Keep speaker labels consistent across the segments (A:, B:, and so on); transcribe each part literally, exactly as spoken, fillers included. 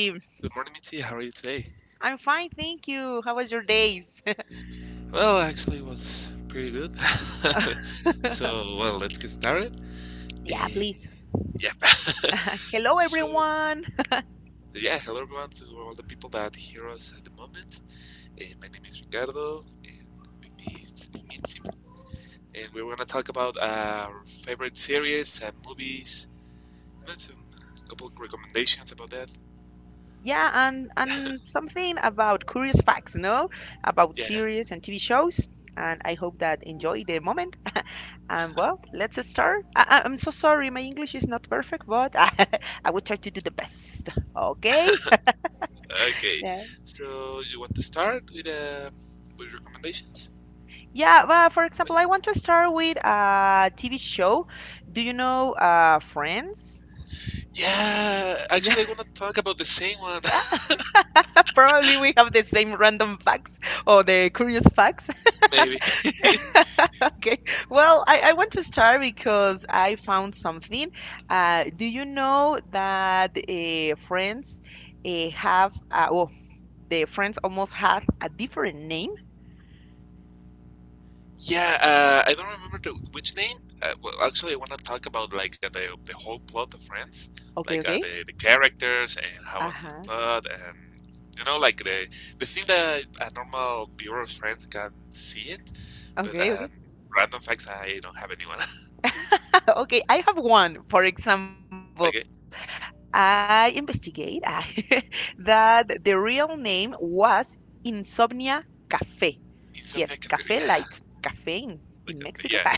A: Good morning, Mitzi. How are you today?
B: I'm fine, thank you. How was your days?
A: Well, actually, it was pretty good. So, well, let's get started.
B: Yeah,
A: Eh,
B: please.
A: yeah.
B: Hello,
A: So,
B: everyone.
A: yeah, hello everyone to all the people that hear us at the moment. Eh, my name is Ricardo, and with me is Mitzi. And we're going to talk about our favorite series and movies, and some a couple of recommendations about that.
B: Yeah, and and something about curious facts, no? About
A: Yeah.
B: series and T V shows. And I hope that enjoy the moment. And well, let's start. I, I- I'm so sorry, my English is not perfect, but I will try to do the best. Okay.
A: Okay.
B: Yeah.
A: So, you want to start with uh, with recommendations?
B: Yeah, well, for example, I want to start with a T V show. Do you know uh, Friends?
A: Yeah,
B: Yeah,
A: actually, I'm gonna talk about the same one,
B: probably we have the same random facts or the curious facts.
A: maybe.
B: Okay. Well, I, I want to start because I found something. Uh, do you know that uh, friends uh, have, uh, well, the friends almost had a different name?
A: Yeah, uh, I don't remember the, which name. Uh, well, actually, I wanna talk about like uh, the the whole plot of Friends, like
B: Okay,
A: uh,
B: okay.
A: the the characters and how was the
B: Uh-huh.
A: plot, and you know, like the the thing that a normal viewer of Friends can see it, but
B: Okay, okay.
A: um, random facts, I don't have anyone.
B: Okay, I have one. For example,
A: Like uh,
B: I investigate that the real name was Insomnia Cafe. Yes, cafe like
A: Insomnia Cafe, yeah,
B: caffeine in in Mexico.
A: like uh, yeah,
B: Yeah,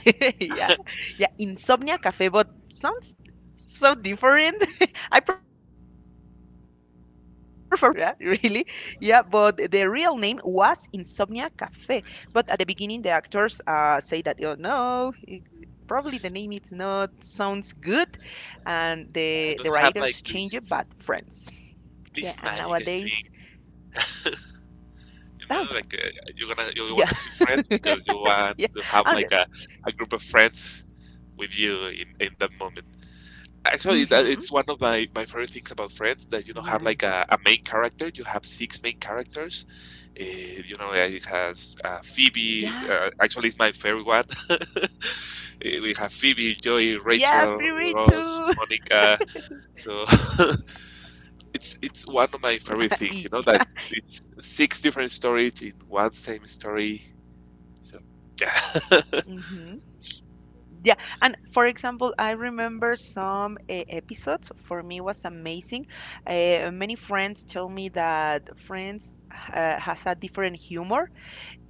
B: yeah, insomnia cafe, but sounds so different. I prefer, yeah, really, yeah. But the real name was Insomnia Cafe. But at the beginning, the actors
A: Insomnia Cafe.
B: uh say that oh no, it, probably the name it's not sounds good, and the the writers
A: Yeah, it
B: change
A: doesn't
B: it,
A: have
B: but
A: like the,
B: friends. Yeah, and
A: this
B: nowadays,
A: magic, I think.
B: oh,
A: You know, like uh, you're gonna
B: yeah,
A: you want to see friends because you
B: yeah,
A: want to have
B: and.
A: like a, a group of friends with you in, in that moment. Actually, that
B: Hmm.
A: it's one of my, my favorite things about Friends that you don't have
B: Yeah,
A: like a, a main character. You have six main characters. Uh, you know, it has uh, Phoebe.
B: yeah.
A: Uh, actually, it's my favorite one. Eh, we have Phoebe, Joey,
B: Yeah,
A: Rachel,
B: free
A: Ross,
B: too.
A: Monica. So it's it's one of my favorite things. You know that
B: Yeah.
A: it's six different stories in one same story. So yeah,
B: Hmm. Yeah, and for example, I remember some uh, episodes for me was amazing. Uh, many friends told me that Friends uh, has a different humor.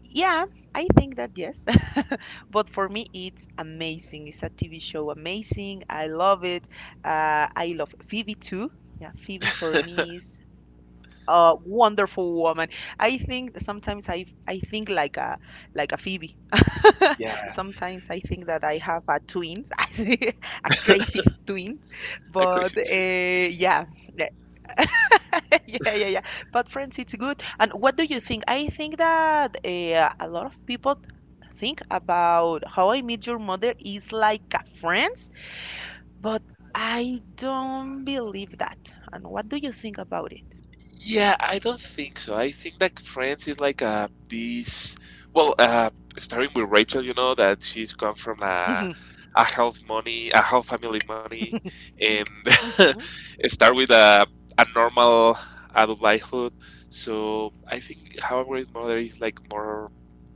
B: Yeah, I think that yes. But for me, it's amazing. It's a T V show amazing. I love it. Uh, I love Phoebe too. Yeah, Phoebe for me is a wonderful woman. I think sometimes I I think like a like a Phoebe.
A: yeah,
B: Sometimes I think that I have a twins, a crazy twins.
A: I agree.
B: But uh, yeah, yeah, yeah, yeah, yeah. But friends, it's good. And what do you think? I think that uh, a lot of people think about How I Meet Your Mother is like a Friends, but I don't believe that. And what do you think about it?
A: Yeah, I don't think so. I think that Friends is like a this. Well, uh, Starting with Rachel, you know that she's come from a
B: Hmm.
A: a health money, a health family money, and
B: Hmm.
A: start with a a normal adult lifehood. So I think How I Met Your Mother is like more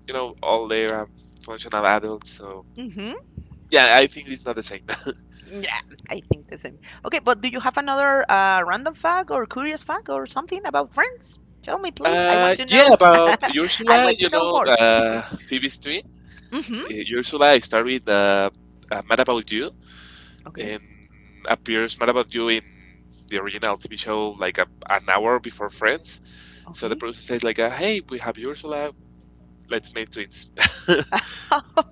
A: you know, all their um, functional adults. So
B: Hmm.
A: yeah, I think it's not the same.
B: Yeah, I think the same. Okay, but do you have another uh, random fact or curious fact or something about friends? Tell me, please. I
A: Uh,
B: want to
A: yeah,
B: know.
A: about
B: I
A: Ursula,
B: want
A: you
B: to know
A: know,
B: more.
A: uh, Phoebe's twin.
B: Hmm.
A: Uh, Ursula, I start with uh, uh, Mad About You,
B: Okay.
A: and appears Mad About You in the original T V show like a, an hour before Friends. So the
B: Okay.
A: producer says like, uh, "Hey, we have Ursula. Let's make twins."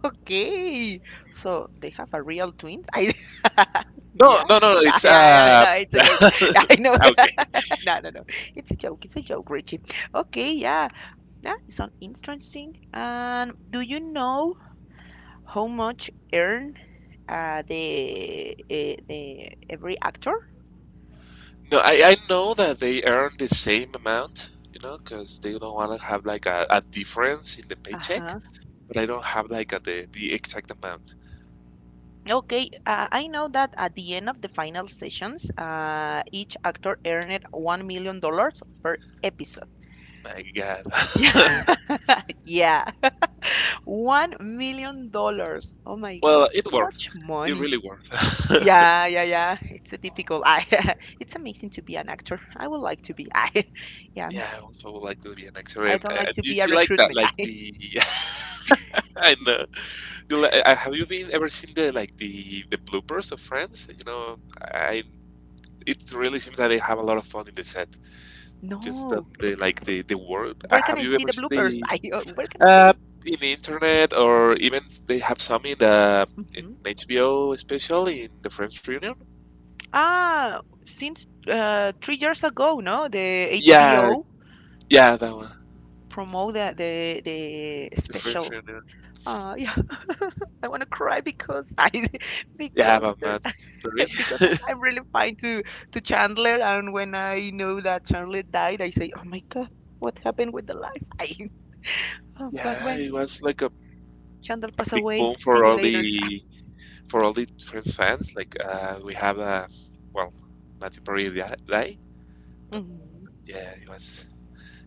B: Okay. So they have a real twins. I.
A: No,
B: Yeah.
A: no, no, no.
B: Nah,
A: It's
B: yeah, yeah,
A: uh,
B: no, it's a joke. I know.
A: okay.
B: No, no, no. It's a joke. It's a joke, Richie. Okay, yeah. That is sounds interesting. And do you know how much earn uh, the eh, the every actor?
A: No, I, I know that they earn the same amount, you know, because they don't want to have like a, a difference in the paycheck,
B: Uh-huh.
A: but I don't have like a, the, the exact amount.
B: Okay, uh, I know that at the end of the final sessions, uh, each actor earned one million dollars per episode.
A: My God.
B: Yeah. Yeah, one million dollars. Oh my God,
A: Well, it
B: it's
A: worth.
B: much
A: It
B: money.
A: really worth.
B: Yeah, yeah, yeah. It's a difficult. I, it's amazing to be an actor. I would like to be. I, yeah,
A: Yeah, I also would like to be an actor,
B: I
A: and,
B: don't like
A: and
B: to
A: you
B: be a
A: see like that,
B: recruitment.
A: like
B: I,
A: the I know. You li- uh, have you been ever seen the like the the bloopers of Friends? You know, I it really seems that they have a lot of fun in the set. Just um,
B: no.
A: the like the the world. Uh,
B: Where can
A: have
B: I
A: you
B: see
A: ever
B: the
A: seen the
B: bloopers? I, uh, where can I
A: Uh,
B: see?
A: in the internet, or even they have some in the in
B: Hmm.
A: H B O special in the French Reunion.
B: Ah, since uh, three years ago, no, the
A: Yeah,
B: H B O
A: yeah, that one,
B: promote the the, the
A: the French
B: special.
A: Reunion.
B: Uh, yeah, I want to cry because I
A: Yeah,
B: because
A: about
B: there
A: Matt Berry.
B: because I'm, I'm really fine to to Chandler, and when I know that Chandler died, I say, oh my God, what happened with the life? I, oh, but
A: Yeah,
B: well,
A: it was like a,
B: Chandler
A: a
B: passed
A: big
B: away.
A: boom
B: See
A: for
B: you
A: all
B: later.
A: the for all the French fans. Like uh, we have uh, well, Matthew Perry di- die, but
B: Mhm.
A: yeah, it was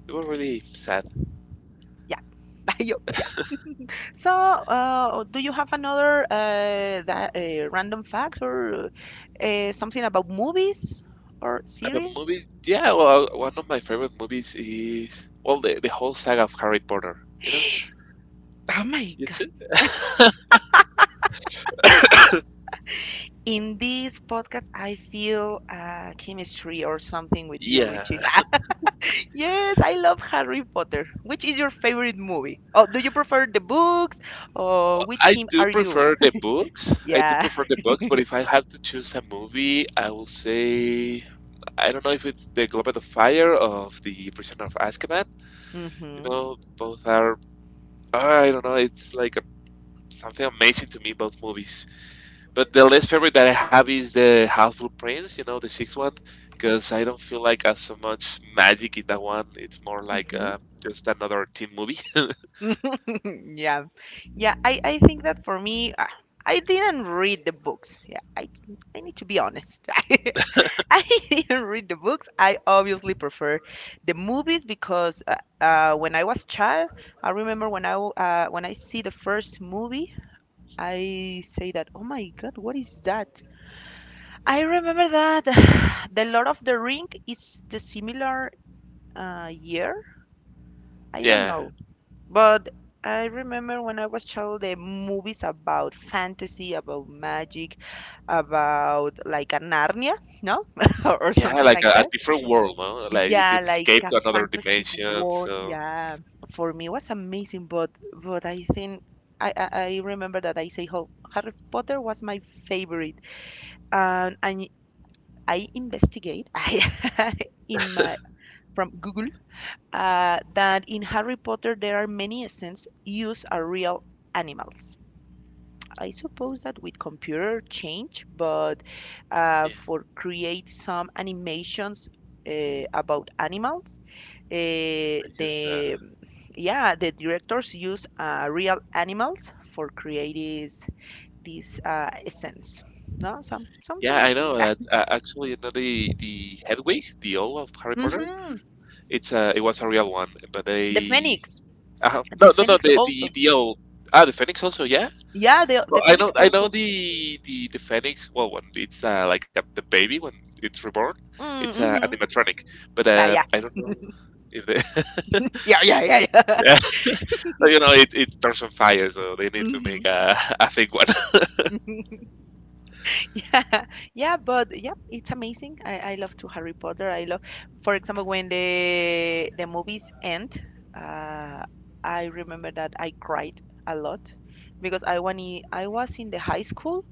A: it was really sad.
B: Yeah, bye. So, uh, do you have another uh, that uh, random facts or uh, something about movies or
A: About
B: series?
A: movie, yeah, well, uh, one of my favorite movies is well the the whole saga of Harry Potter. You know,
B: Oh my
A: you
B: god.
A: too.
B: In this podcast, I feel uh, chemistry or something with you,
A: Yeah,
B: Richie. Yes, I love Harry Potter. Which is your favorite movie? Oh, do you prefer the books? Or which
A: I
B: team
A: do
B: are you?
A: prefer the books. I do
B: Yeah.
A: prefer the books, but if I have to choose a movie, I will say I don't know if it's The Goblet of Fire of The Prisoner of Azkaban. You
B: Mm-hmm.
A: know, both are ah, I don't know. It's like a, something amazing to me, both movies. But the least favorite that I have is the Half-Blood Prince. You know, the sixth one, because I don't feel like as so much magic in that one. It's more like uh, just another teen movie.
B: Yeah, yeah, i i think that for me, uh, I didn't read the books, yeah, i i need to be honest. I didn't read the books. I obviously prefer the movies because uh, uh, when I was child, I remember when i w- uh, when I see the first movie, I say that oh my god what is that. I remember that the lord of the ring is the similar uh, year, I don't
A: Yeah,
B: know. But I remember when I was child, the movies about fantasy, about magic, about like a Narnia, no? Or
A: yeah, like
B: something
A: a,
B: like
A: a
B: that.
A: different world, no? Like you
B: Yeah,
A: can
B: like
A: escape
B: a
A: to another
B: fantastic
A: dimension.
B: world.
A: So
B: Yeah, for me was amazing, but but I think I, I, I remember that I say how Harry Potter was my favorite. And and I investigate I in my from Google uh, that in Harry Potter there are many essence used are real animals. I suppose that with computer change, but uh,
A: yeah,
B: for create some animations uh, about animals, uh,
A: I just, uh,
B: the yeah the directors use uh, real animals for creating this uh, essence. No, some sounds
A: yeah, I
B: amazing.
A: know that uh, actually, you know, the the Hedwig, the owl of Harry Potter,
B: Hmm.
A: it's uh, it was a real one, but
B: The
A: they
B: phoenix,
A: uh,
B: the
A: no, no, no,
B: phoenix
A: the
B: also.
A: the the owl. Ah, the Phoenix also, yeah.
B: Yeah, the
A: Well,
B: the
A: I know,
B: phoenix
A: I know
B: also.
A: the the the Phoenix. Well, when it's uh, like a, the baby when it's reborn, it's uh,
B: Mm-hmm.
A: animatronic. But uh, I don't know if they.
B: Yeah, yeah, yeah, yeah.
A: But, you know, it, it starts on fire, so they need to make
B: Hmm.
A: a, a fake one.
B: Yeah, yeah, but yeah, it's amazing. I, I love to Harry Potter. I love, for example, when the the movies end, uh, I remember that I cried a lot because I when I I was in the high school,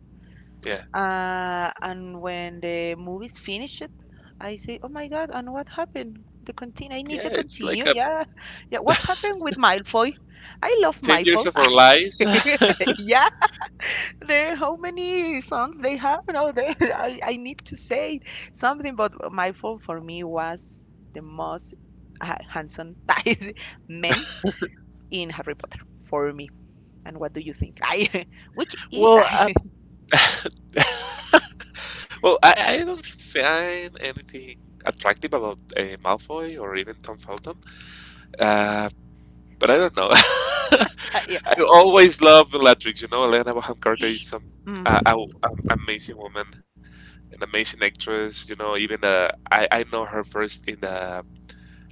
A: Yeah.
B: uh, and when the movies finished, I say, oh my God, and what happened? The continue. I need
A: Yeah,
B: the
A: it's like
B: continue.
A: a
B: Yeah, yeah. What happened with Malfoy? I love
A: ten years
B: Malfoy.
A: of our lives.
B: yeah. There, how many songs they have now? There, I, I need to say something, but my fault for me was the most ha- handsome man in Harry Potter for me. And what do you think? I, which is
A: Well,
B: I?
A: I, well, I, I don't find anything attractive about uh, Malfoy or even Tom Felton. Uh, but I don't know.
B: yeah.
A: I always love Bellatrix. You know, Elena Bonham Carter is some uh, an
B: Mhm.
A: amazing woman, an amazing actress. You know, even uh, I I know her first in the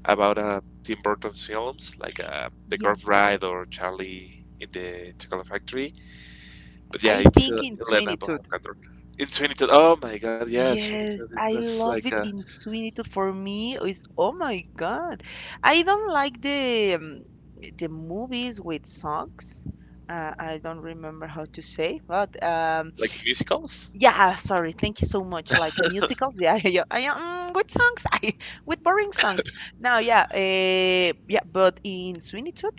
A: about uh, Tim Burton's films like uh, The
B: Yeah.
A: Girl Bride or Charlie in the Chocolate Factory. But yeah,
B: I
A: it's
B: think
A: uh,
B: in
A: Elena
B: twenty-two.
A: Bonham Carter. In Sweeney Todd, oh my God, yeah, Sweeney
B: Yes,
A: Todd. It
B: I
A: was like
B: love
A: uh,
B: it in Sweeney Todd. For me, is oh my God, I don't like the um, the movies with songs. Uh, I don't remember how to say, but um,
A: like the musicals
B: yeah, sorry. Thank you so much. Like a musical, yeah, yeah, yeah. Mm, with songs, I, with boring songs. Now, yeah, uh, yeah. But in Sweeney Todd,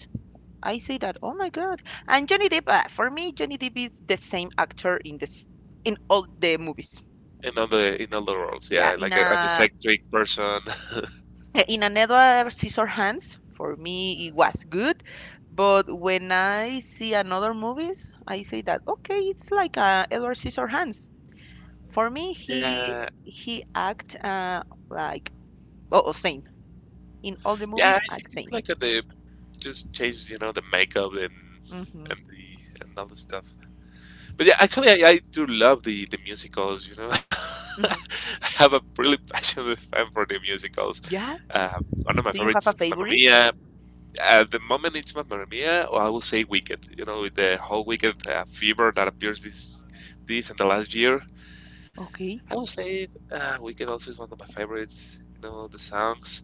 B: I say that. Oh my God! And Johnny Depp. Uh, for me, Johnny Depp is the same actor in this in all the movies.
A: in all the in all the roles. Yeah,
B: Yeah,
A: like
B: in
A: a, an
B: a
A: eccentric person.
B: Uh, In another Scissor Hands, for me it was good, but when I see another movies, I say that okay, it's like uh, Edward Hands. For me, he
A: Yeah,
B: he act uh, like oh oh, same in all the
A: yeah,
B: movies
A: I think
B: act
A: it's
B: same.
A: like uh, the just changed, you know, the makeup and
B: Hmm.
A: and the and all the stuff. But yeah, actually, I, I do love the the musicals. You know, I
B: Hmm.
A: have a really passionate fan for the musicals.
B: Yeah.
A: Um, one of my
B: Do you have a
A: favorites is Mamma
B: favorite?
A: Mia. At the moment, it's Mamma Mia, or I will say Wicked. You know, with the whole Wicked uh, fever that appears this this and the last year,
B: Okay.
A: I will say uh, Wicked also is one of my favorites. You know, the songs.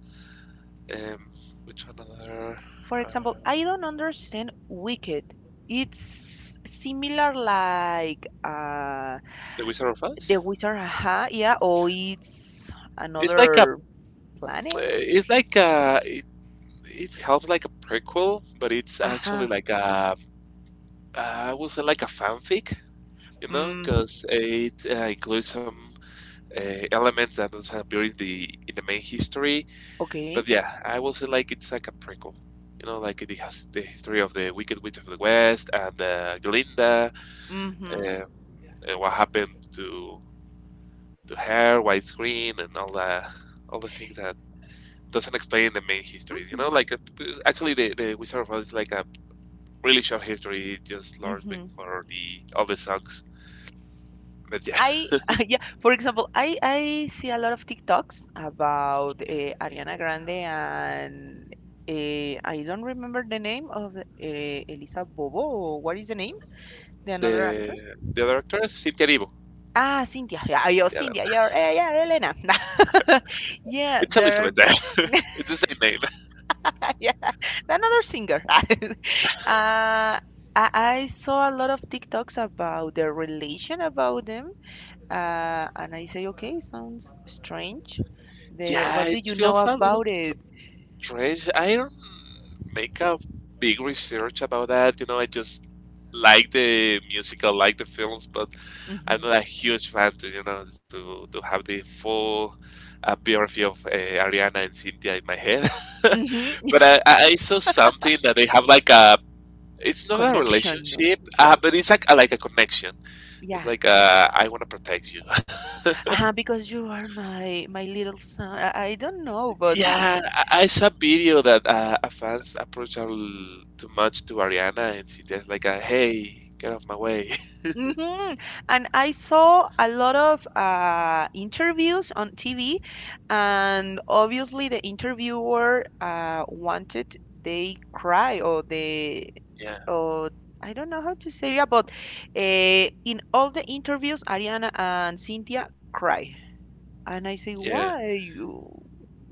A: Um, which one other?
B: For
A: Uh,
B: example, I don't understand Wicked. It's similar like uh,
A: the Wizard of
B: the
A: Oz.
B: Wizard, aha, yeah, or it's
A: It's like a,
B: another planet?
A: it's
B: Oh,
A: like a, it helps like a prequel, but it's
B: Ajá.
A: actually like a I would say like a fanfic, you know,
B: Mm,
A: because it uh, includes some uh, elements that doesn't appear in the in the main history.
B: okay.
A: But yeah, I will say like it's like a prequel, you know, like it has the history of the Wicked Witch of the West and uh, Glinda,
B: Mm-hmm.
A: uh, and what happened to to her, White Screen, and all the all the things that doesn't explain the main history. You
B: Mm-hmm.
A: know, like uh, actually the the Wizard of Oz is like a really short history. It just learns
B: Mm-hmm.
A: for the all the songs. But yeah,
B: I yeah. For example, I I see a lot of TikToks about uh, Ariana Grande and uh, I don't remember the name of uh, Elisa Bobo. Or what is the name? The another actress?
A: the the other actor is Cynthia Erivo.
B: Ah, Cynthia. Yeah, yo,
A: Yeah, that-
B: Cynthia. You're, eh, yeah, Elena. Yeah,
A: it's
B: there are
A: Elizabeth. It's the same name.
B: yeah, another singer. uh, I, I saw a lot of TikToks about the relation about them, uh, and I say, okay, sounds strange. The
A: Yeah,
B: what
A: it
B: do you know
A: feels a little
B: about it?
A: strange. I don't make a big research about that. You know, I just like the musical, like the films, but I'm
B: Hmm.
A: not a huge fan to you know to to have the full uh, biography of uh, Ariana and Cynthia in my head.
B: Hmm.
A: But I I saw something that they have like a it's not a
B: Connection, no?
A: relationship, uh, but it's like a, like a connection. It's
B: Yeah.
A: like uh, I want to protect you.
B: Uh-huh, because you are my my little son. I, I don't know, but
A: Yeah, I, I saw a video that uh, a fans approached her l- too much to Ariana, and she just like, uh, "Hey, get off my way."
B: Hmm. And I saw a lot of uh, interviews on T V, and obviously the interviewer uh, wanted they cry or they
A: Yeah,
B: or I don't know how to say it, but uh, in all the interviews, Ariana and Cynthia cry, and I say,
A: yeah,
B: why you?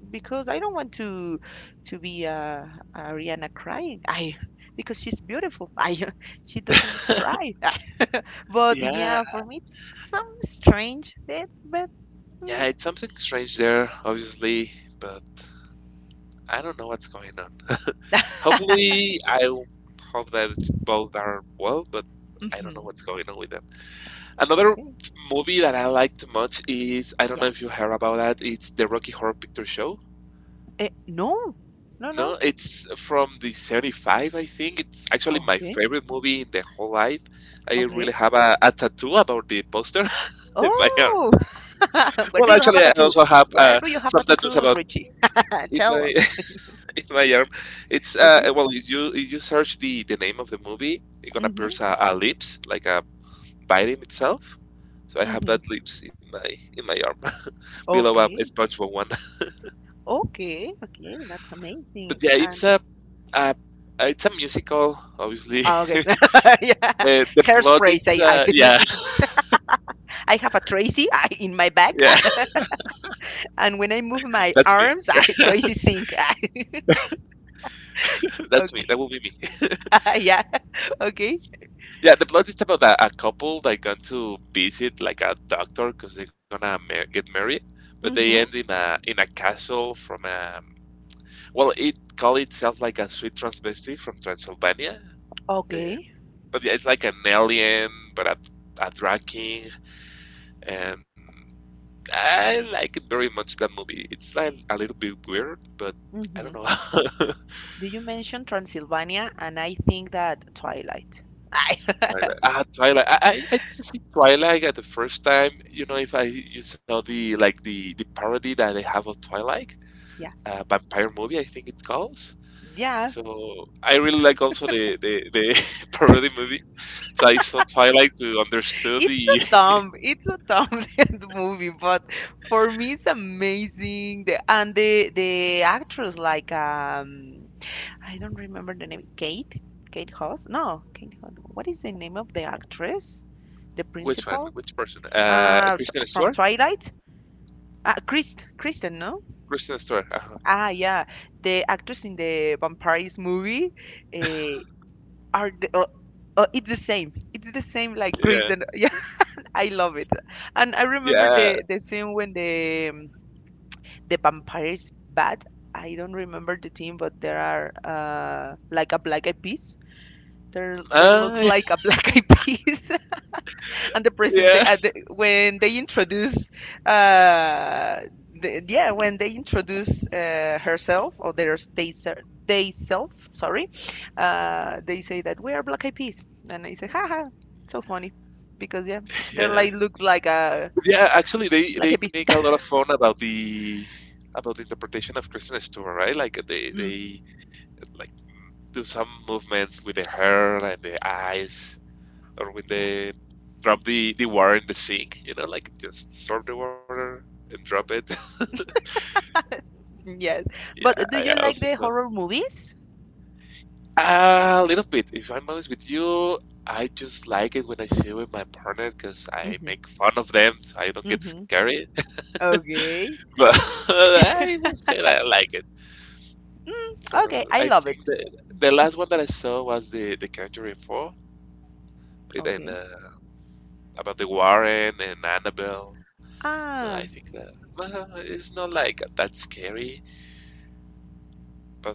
B: Because I don't want to to be uh, Ariana crying. I because she's beautiful. I she doesn't need cry. But
A: yeah,
B: yeah, for me it's some strange that but
A: yeah. It's something strange there, obviously, but I don't know what's going on. Hopefully, I hope that both are well, but I don't know
B: mm-hmm.
A: what's going on with them. Another
B: Okay.
A: movie that I like too much is I don't know
B: Yeah.
A: if you heard about that. It's the Rocky Horror Picture Show.
B: Eh, no. No,
A: No,
B: no.
A: it's from the seventy-five, I think. It's actually my
B: Okay.
A: favorite movie in the whole life. I
B: Okay.
A: really have a, a tattoo about the poster in my arm.
B: Oh, where
A: Well,
B: do you have a
A: actually, I
B: tattoo?
A: also have
B: Where
A: uh,
B: do you have a
A: some tattoos
B: tattoo,
A: about
B: Richie?
A: in
B: Tell
A: my
B: us.
A: in my arm. It's
B: Okay.
A: uh, well, if you if you search the the name of the movie, it gonna pierce
B: Mhm.
A: a, a lips like a biting itself. So I have
B: Mhm.
A: that lips in my in my arm below a
B: Okay.
A: SpongeBob one.
B: Okay. Okay. That's
A: But
B: amazing.
A: yeah, it's
B: And
A: a, a it's a musical, obviously.
B: Oh, okay. yeah.
A: Uh, the plot is
B: Hairspray. I,
A: uh,
B: I,
A: yeah,
B: I have a Tracy I, in my back.
A: yeah,
B: And when I move my
A: that's me.
B: arms, I, Tracy sink.
A: That's me. That
B: Okay.
A: will be me.
B: yeah. Okay.
A: Yeah, the plot is about a, a couple that gone to visit like a doctor because they're gonna mar- get married, but they end
B: Mm-hmm.
A: in a in a castle from a well, it call itself like a sweet transvestite from Transylvania, uh,
B: Okay.
A: but yeah, it's like an alien, but a, a drag king, and I like it very much that movie. It's like a little bit weird, but I don't
B: Mm-hmm.
A: know.
B: Do you mention Transylvania? And I think that Twilight. I-
A: Twilight. Ah, Twilight. I, I I didn't see Twilight at the first time. You know, if I you saw the like the the parody that they have of Twilight,
B: yeah.
A: uh, vampire movie, I think it calls.
B: Yeah.
A: So I really like also the the, the parody movie. So I saw Twilight to understand
B: It's a
A: the
B: dumb. It's a dumb movie, but for me, it's amazing. The, and the the actress, like um, I don't remember the name. Kate? Kate Hoss? No, Kate Hoss. What is the name of the actress? The
A: which one,
B: principal?
A: which person? Uh,
B: Uh,
A: Kristen
B: t- from
A: Stewart.
B: Twilight? Ah, Christ, Kristen, no?
A: Kristen Stewart. uh
B: Ah, yeah. The actress in the vampires movie eh, are the, uh, uh, it's the same. It's the same like
A: Yeah.
B: Kristen. Yeah, I love it. And I remember
A: Yeah.
B: the the scene when the um, the vampires bat. I don't remember the team, but there are uh, like a black eyed There, there looks
A: Uh,
B: like a black eyed peas, and the present
A: yeah.
B: uh, the, when they introduce, uh, the, yeah, when they introduce uh, herself or their they ser- they self, sorry, uh, they say that we are black eyed peas, and I say, haha, it's so funny, because yeah, they're
A: Yeah.
B: like look like a
A: Yeah, actually, they
B: black eyed
A: they make a
B: peas.
A: lot of fun about the about the interpretation of Kristen Stewart, right? Like they
B: Mm,
A: they like do some movements with the hair and the eyes, or when
B: yeah,
A: they drop the the water in the sink, you know, like just sort the water and drop it.
B: yes.
A: Yeah, I
B: But do you
A: also
B: like
A: saw.
B: the horror movies?
A: A little bit. If I'm honest with you, I just like it when I see it with my partner because I
B: Mm-hmm.
A: make fun of them, so I don't get
B: Mm-hmm.
A: scary.
B: Okay.
A: but I will say that I like it. So
B: Mm, okay, I
A: I
B: love
A: think
B: it.
A: the the last one that I saw was the the Conjuring Four, with- and
B: Okay.
A: uh, about the Warren and Annabelle. No, I
B: Ah,
A: think that well, it's not like that scary, but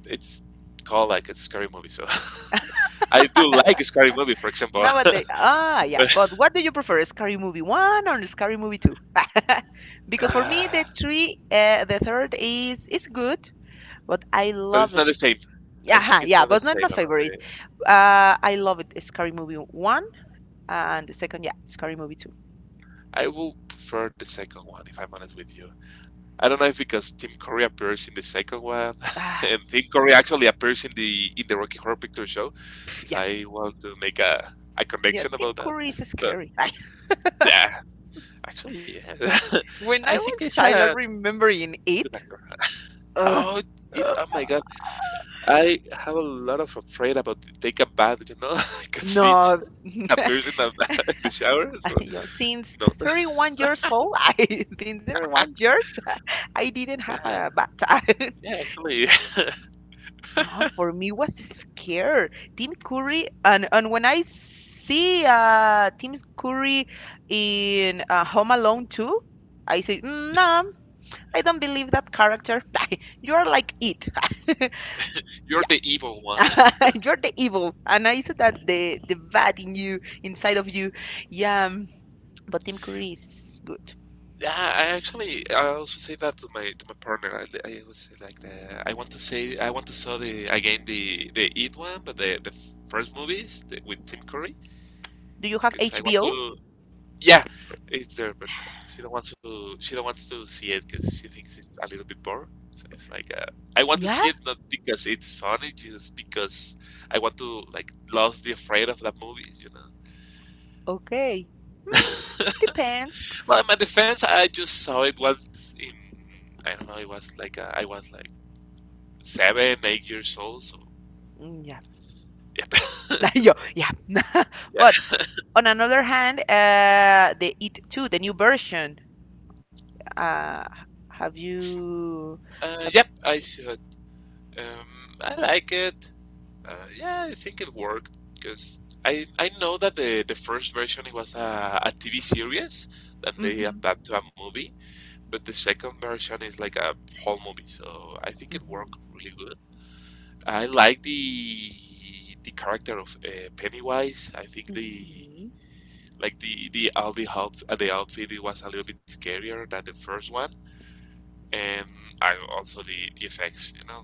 A: it's called like a scary movie. So I do like a scary movie, for example,
B: nowadays, ah, yeah.
A: but
B: But what do you prefer, Scary Movie One or Scary Movie Two? Because for me,
A: ah,
B: the three, uh, the third is is good, but I
A: but it's
B: love
A: not
B: it.
A: the same. I
B: Yeah,
A: think
B: huh,
A: it's not
B: yeah,
A: the
B: but not
A: same.
B: my
A: About
B: favorite.
A: the,
B: Uh, I love it. Scary Movie One and the second, yeah, Scary Movie Two.
A: I will prefer the second one if I'm honest with you. I don't know if because Tim Curry appears in the second one,
B: Ah,
A: and Tim Curry actually appears in the in the Rocky Horror Picture Show,
B: pff, yeah,
A: so I want to make a, a
B: yeah.
A: connection
B: Tim
A: about that.
B: Curry is
A: But
B: scary.
A: yeah, actually, yeah.
B: When
A: I
B: I
A: think
B: was
A: he's
B: child, I
A: a
B: remember in
A: good
B: it.
A: actor.
B: Ugh.
A: Oh, it, oh my God, I have a lot of afraid about to take a bath, you know, because it
B: No,
A: appears in the, in the shower. So,
B: you since
A: you know,
B: thirty-one years old, I since thirty-one years, I didn't have
A: yeah,
B: a bad time.
A: yeah, actually,
B: No, for me was scare. Tim Curry, and and when I see uh Tim Curry in uh, Home Alone two, I say, "Mm, no, I don't believe that character." You're like it.
A: you're the evil
B: Yeah,
A: one.
B: you're the evil, and I said that the the bad in you, inside of you. Yeah, um, but Tim Curry is good.
A: Yeah, I actually I also say that to my to my partner. I, I always say like the I want to say I want to saw the again the the It one, but the the first movies the, with Tim Curry
B: Do you have
A: because I want
B: H B O?
A: to. Yeah, it's there, but she don't want to. She don't want to see it because she thinks it's a little bit boring. So it's like uh, I want to see
B: Yeah,
A: it not because it's funny, just because I want to like lose the afraid of that movies, you know.
B: okay. Depends.
A: Well, in my defense, I just saw it once in I don't know. It was like uh, I was like seven, eight years old. So
B: Mm, yeah.
A: yep,
B: Yo, yeah.
A: yeah,
B: But on another hand, uh the It too, the new version. Uh have you
A: uh,
B: have
A: yep.
B: you
A: I should. Um, I like it. Uh, yeah, I think it worked because I I know that the the first version it was a, a T V series that they
B: mm-hmm,
A: adapted to a movie, but the second version is like a whole movie. So I think it worked
B: mm-hmm,
A: really good. I like the the character of uh, Pennywise. I think the
B: mm-hmm.
A: like the the Aldi out uh, the outfit it was a little bit scarier than the first one, and I also the the effects. You know,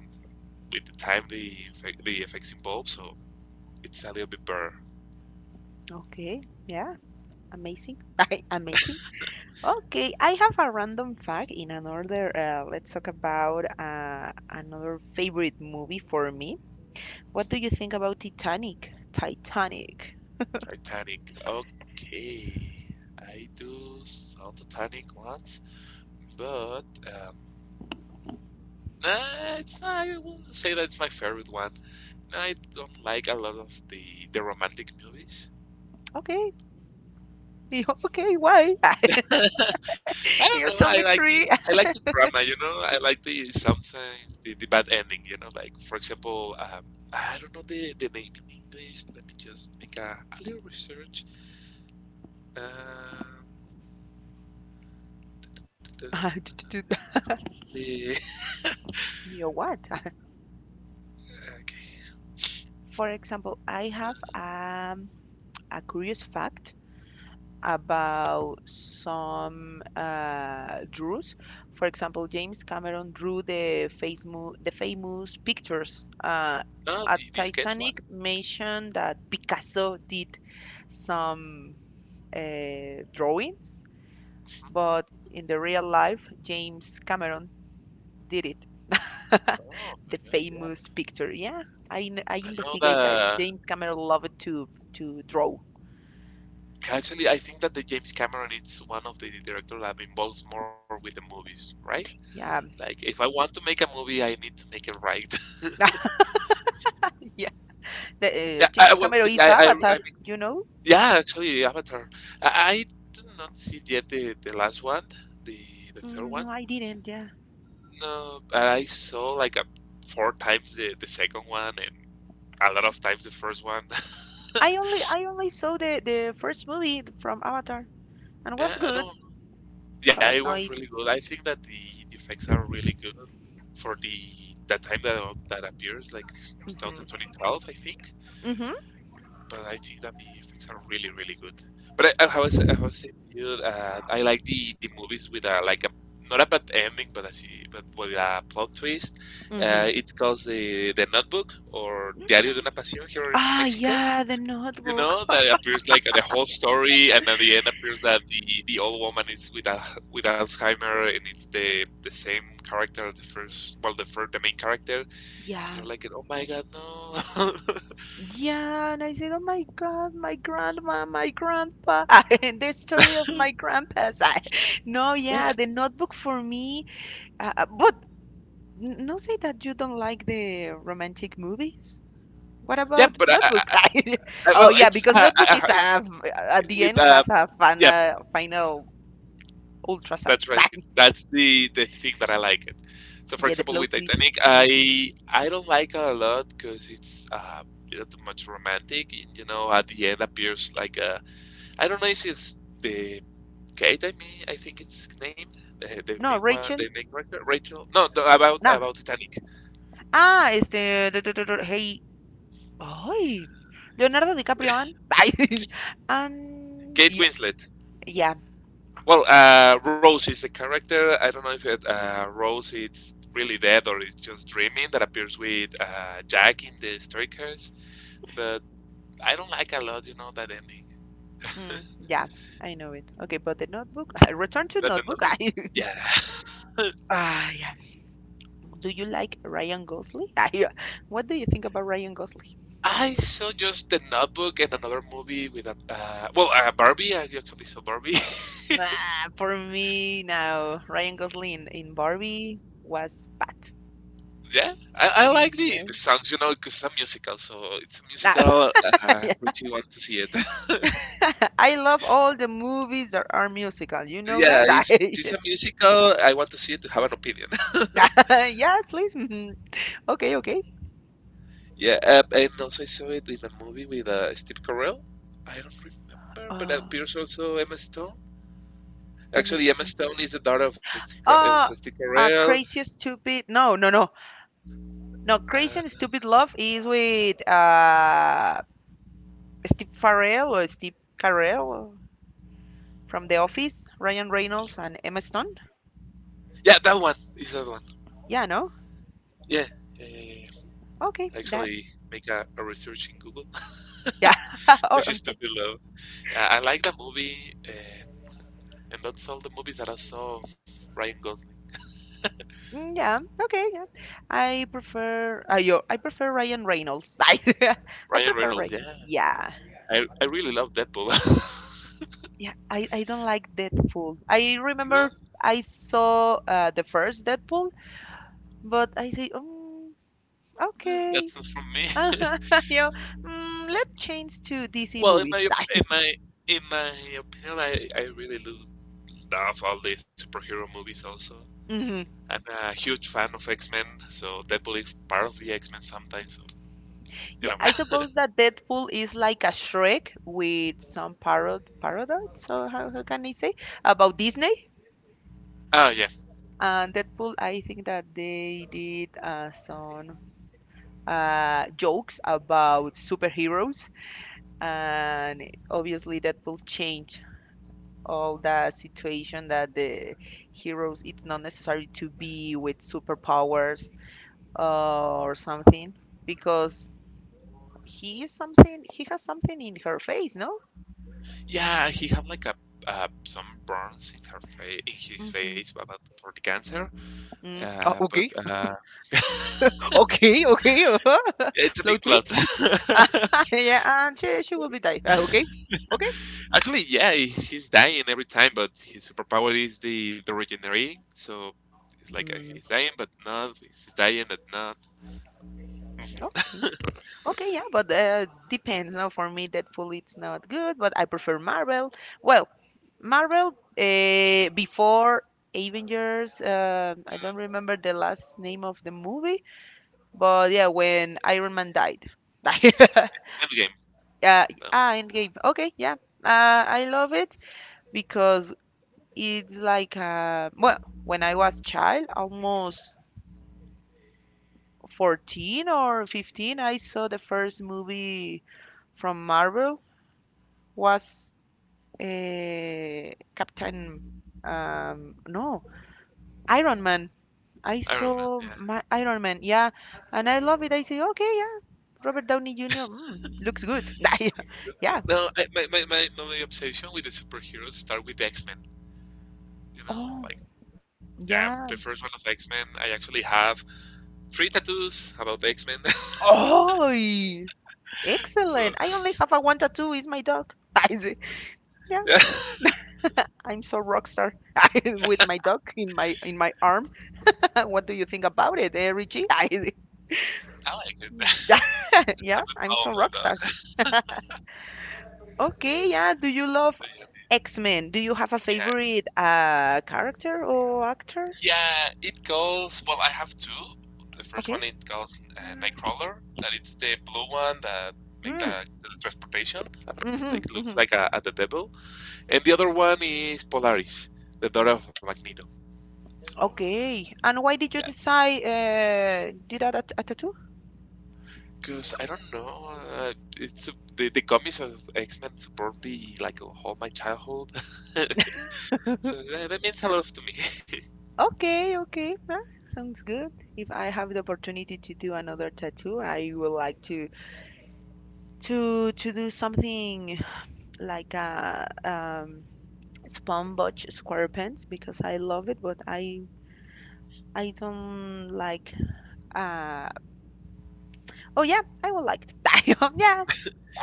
A: with the time the effect- the effects involved, so it's a little bit better.
B: Okay. Yeah. Amazing. Amazing. Okay, I have a random fact in another uh let's talk about uh another favorite movie for me. What do you think about Titanic? Titanic.
A: Titanic. Okay, I do saw Titanic once, but um, nah, it's not. I wouldn't say that it's my favorite one. No, I don't like a lot of the the romantic movies.
B: Okay. Okay, why?
A: I don't know.
B: You tell
A: I
B: me
A: like the
B: three.
A: I like the drama, you know. I like the sometimes the, the bad ending, you know. Like for example, um, I don't know the, the name in English. Let me just make a, a little research. Um, da- da-
B: Uh,
A: da- da- da-
B: do- do- do.
A: the
B: You know what?
A: okay.
B: For example, I have um, a curious fact about some uh, draws. For example, James Cameron drew the famu the famous pictures. Uh,
A: No,
B: at
A: the, the sketch one.
B: Titanic mentioned that Picasso did some uh, drawings, but in the real life, James Cameron did it.
A: Oh my
B: The
A: god, yeah.
B: famous picture. Yeah, I, kn- I
A: I know
B: investigate that
A: that.
B: James Cameron loved to to draw.
A: Actually, I think that the James Cameron is one of the directors that involves more with the movies, right?
B: Yeah,
A: Like, if I want to make a movie, I need to make it right.
B: yeah. The,
A: Yeah,
B: uh,
A: I well,
B: James Cameron
A: I, I
B: is
A: I
B: Avatar. You know?
A: yeah, actually, Avatar. I, I do not see yet the, the last one, the the third
B: Mm,
A: one.
B: no, I didn't. Yeah,
A: No, but I saw like a, four times the, the second one and a lot of times the first one.
B: I only I only saw the the first movie from Avatar and was
A: Yeah, I
B: good,
A: don't. Yeah, it
B: but no,
A: was
B: it.
A: really good. I think that the, the effects are really good for the that time that that appears, like
B: Hmm,
A: twenty twelve, I think.
B: hmm,
A: But I think that the effects are really, really good. But I, I was, I was saying to you, uh, I like the, the movies with a like a not a bad ending, but as you, but with a plot twist. Uh,
B: hmm.
A: it's called the the Notebook or Diario de una Pasión here in
B: Ah,
A: Mexico.
B: yeah, the
A: You
B: Notebook.
A: know that appears like the whole story, and at the end appears that the, the old woman is with a, with Alzheimer, and it's the the same character, as the first well the first the main character. And
B: Yeah,
A: you're like, oh my god, no.
B: yeah, and I said, "Oh my God, my grandma, my grandpa," and the story of my grandpa's. I, no,
A: yeah,
B: yeah, the Notebook for me. Uh, uh, but n- no, say that you don't like the romantic movies. What
A: yeah,
B: about
A: but I,
B: Notebook?
A: I
B: I-
A: Uh,
B: oh
A: well,
B: yeah,
A: it's
B: because
A: uh, uh,
B: Notebook is
A: uh,
B: a, at the
A: with
B: end
A: uh,
B: has a
A: yeah,
B: final final ultra sad.
A: that's right. That's the the thing that I like it. So, for
B: Yeah, the
A: example,
B: plot
A: with
B: twist
A: Titanic,
B: is amazing.
A: I I don't like it a lot because it's uh, a little too much romantic. And, you know, at the end appears like a I don't know if it's the Kate. I mean, I think it's named the, the
B: No,
A: main one, the
B: Rachel.
A: main character, Rachel. No, the, about
B: No.
A: about Titanic,
B: Ah, este. Hey, ay, Leonardo DiCaprio and ay, and
A: Kate
B: y-
A: Winslet.
B: yeah,
A: Well, uh, Rose is a character. I don't know if it, uh, Rose is really dead or is just dreaming that appears with uh, Jack in the Staircase, but I don't like a lot, you know, that ending. that
B: mm, yeah, I know it. Okay, but the Notebook, Return to
A: the
B: Notebook.
A: notebook.
B: Ay,
A: Yeah.
B: ah, yeah. Do you like Ryan Gosling? Ay, what do you think about Ryan Gosling?
A: I saw just the notebook and another movie with a uh, well, uh, Barbie. I actually saw Barbie.
B: Ah, for me, now Ryan Gosling in, in Barbie was bad.
A: yeah, I, I like
B: Yeah.
A: the, the songs, you know, because it's a musical, so it's a
B: Ah,
A: musical.
B: yeah.
A: Uh, Richie wants to see it.
B: I love all the movies that are musical. You know that?
A: yeah, it's,
B: I,
A: it's a musical. I want to see it to have an opinion.
B: yeah, please. Mhm. Okay, okay.
A: Yeah, uh, and also I saw it in a movie with uh, Steve Carell. I don't remember, but
B: Uh,
A: appears also Emma Stone. Actually,
B: Emerson.
A: Emma Stone is the daughter of Steve, Ca- of
B: Uh,
A: Steve
B: uh,
A: Carell.
B: crazy stupid. No, no, no, no. Crazy and
A: Uh,
B: stupid love is with uh Steve Farrell or Steve Carell from The Office, Ryan Reynolds and Emma Stone.
A: yeah, that one is that one.
B: Yeah, no.
A: Yeah, yeah, yeah, yeah. yeah.
B: Okay, that.
A: Actually, make a, a research in Google,
B: Yeah. Or
A: which
B: I'm
A: is to
B: so-
A: be loved. Uh, I like the movie, uh, and that's all the movies that I saw of Ryan Gosling.
B: mm, yeah. Okay. Yeah. I prefer. I yo. I prefer Ryan Reynolds. I. I
A: Ryan
B: prefer
A: Reynolds, yeah.
B: Ryan. Yeah.
A: I, I really love Deadpool.
B: Yeah. I. I don't like Deadpool. I
A: no,
B: remember I saw uh, the first Deadpool but I say, "Um,
A: no,
B: okay."
A: that's not from me.
B: You know, "Mm, let's change to D C
A: Well, in my
B: movies."
A: in my in my opinion, I I really do love all the superhero movies. Also,
B: Mhm.
A: I'm a huge fan of X Men, so Deadpool is part of the X Men sometimes. So, you
B: Yeah,
A: know,
B: I
A: but,
B: suppose that Deadpool is like a Shrek with some parod parodies, so how, how can I say, about Disney.
A: oh yeah,
B: And Deadpool, I think that they did uh, some uh, jokes about superheroes, and obviously Deadpool changed all the situation that the heroes it's not necessary to be with superpowers uh, or something because he is something he has something in her face no
A: yeah. He had like a uh, some burns in her face, in his face,
B: mm-hmm.
A: about for the cancer.
B: Mm.
A: Uh,
B: Oh,
A: but
B: okay.
A: uh,
B: Okay okay uh-huh.
A: it's a big
B: Plot
A: plot.
B: twist. Yeah and she, she will be die. Ah, okay okay
A: Actually, yeah, he- he's dying every time, but his superpower is the the regenerating. So it's like uh, he's
B: mm,
A: dying, but not. He's dying, but not.
B: okay okay yeah but uh, depends no for me deadpool it's not good but I prefer marvel well Marvel uh, before Avengers. Uh, I don't remember the last name of the movie, but yeah, when Iron Man died.
A: Endgame.
B: Yeah,
A: No,
B: ah, Endgame. Okay, yeah. Uh, I love it because it's like uh, well, when I was child, almost fourteen or fifteen, I saw the first movie from Marvel was uh, Captain um no, Iron Man. I
A: Iron Man.
B: saw
A: Yeah.
B: my Iron Man, yeah, and I love it. I say, okay, yeah, Robert Downey Junior Mm, looks good. Yeah.
A: That's good.
B: Yeah,
A: No, I, my, my, my my obsession with the superheroes start with the X Men. You know,
B: oh,
A: like yeah, the
B: yeah.
A: first one of X Men. I actually have three tattoos about the X Men.
B: Oh,
A: so
B: excellent. I only have a one tattoo. Is my dog. I say, yeah,
A: yeah,
B: I'm so rock star I- with my dog in my in my arm. What do you think about it, eh, Richie? I say,
A: I like it. I have
B: yeah,
A: the power
B: I'm
A: on
B: so
A: my
B: rock
A: dog.
B: star. Okay, yeah. Do you
A: But
B: love
A: yeah,
B: X Men? Do you have a
A: yeah,
B: favorite uh character or actor?
A: yeah, it goes. Well, I have two. The first
B: Okay.
A: one it goes uh, Nightcrawler. That it's the blue one that make
B: Hmm.
A: the transportation.
B: Mm-hmm,
A: Like looks
B: mm-hmm.
A: like a, a the devil. And the other one is Polaris, the daughter of Magneto. So
B: Okay. And why did
A: yeah,
B: you decide uh, do that at a tattoo?
A: because I don't know. Uh, it's the the comics of X Men support me like all my childhood. so that, that means a lot to me.
B: Okay, okay. Huh? Sounds good. If I have the opportunity to do another tattoo, I would like to to to do something like a um SpongeBob SquarePants because I love it, but I I don't like uh oh yeah, I will like it. Yeah,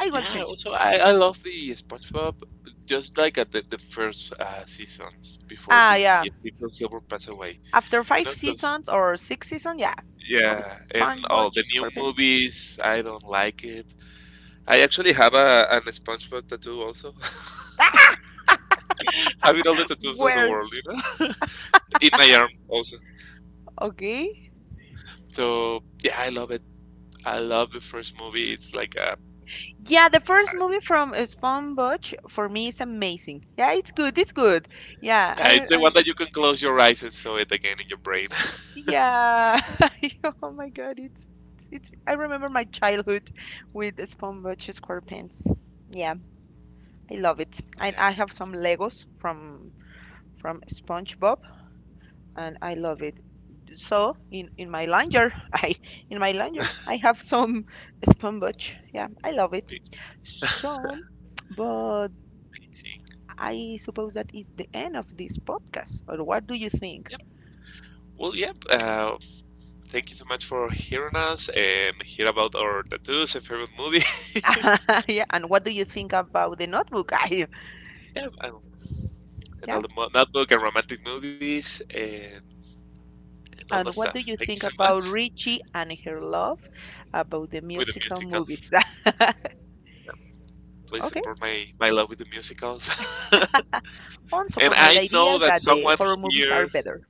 B: I will
A: Yeah,
B: change.
A: also I, I love the SpongeBob, just like at the, the first uh, seasons before
B: Ah
A: the
B: yeah.
A: Stephen Silver passed away.
B: After
A: You
B: five
A: know, 'cause-
B: seasons or six seasons, yeah. Bob
A: yeah, and
B: SpongeBob
A: all the new
B: SquarePants.
A: movies, I don't like it. I actually have a an SpongeBob tattoo also, having all the tattoos of the
B: Well,
A: world, you know, in my arm also.
B: okay.
A: So yeah, I love it. I love the first movie. It's like a,
B: Yeah, the first movie from uh, SpongeBob for me is amazing. Yeah, it's good. It's good. Yeah,
A: yeah,
B: I,
A: it's the
B: I
A: one that you can close your eyes and saw it again in your brain.
B: yeah. Oh my God, it's it's. I remember my childhood with SpongeBob SquarePants. Yeah, I love it.
A: Yeah,
B: I I have some Legos from from SpongeBob, and I love it. So in in my laundry, I in my laundry, I have some SpongeBob. Yeah, I love
A: be
B: it. So. But
A: amazing.
B: I suppose that is the end of this podcast. Or what do you think?
A: Yep. Well, yep. Uh, thank you so much for hearing us and hear about our tattoos and favorite movies.
B: Yeah, and what do you think about the notebook? I,
A: and, and
B: yeah,
A: all the mo- notebook and romantic movies and, and all that
B: and
A: stuff.
B: what do you
A: Thank you so
B: think
A: much
B: about Richie and her love about the
A: with the
B: musical
A: musicals.
B: movies?
A: Yeah, please
B: Okay,
A: support my, my love with the musicals.
B: on
A: and
B: support my
A: I know
B: ideas
A: that
B: that the
A: someone
B: horror movies are
A: here,
B: better.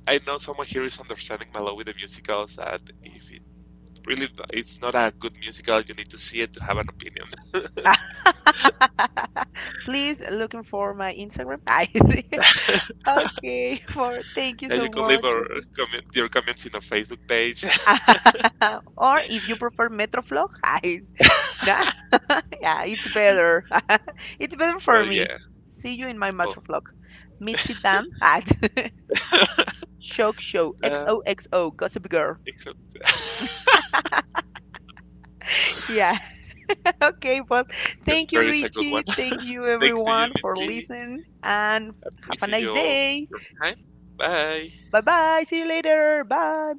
A: I know someone here is understanding my love with the musicals. That if it really it's not a good musical, you need to see it to have an opinion.
B: Please looking for my Instagram. I see. Okay, for thank you
A: And you
B: so
A: can leave
B: much.
A: our comment, your comments in our Facebook page. so
B: Or if you prefer Metroflog, guys, nah, yeah, it's better. It's better for
A: yeah,
B: me. See you in my
A: well,
B: Metroflog. Mitzi Dam at Shock Show
A: uh,
B: X O X O Gossip Girl.
A: except
B: Yeah. Okay, well,
A: because
B: thank
A: there
B: you,
A: is a good one.
B: Richie. Thank you,
A: Thanks to you,
B: everyone, for
A: Mitzi.
B: listening and have a
A: Appreciate
B: nice
A: your
B: day.
A: your time. Bye.
B: Bye bye. See you later. Bye.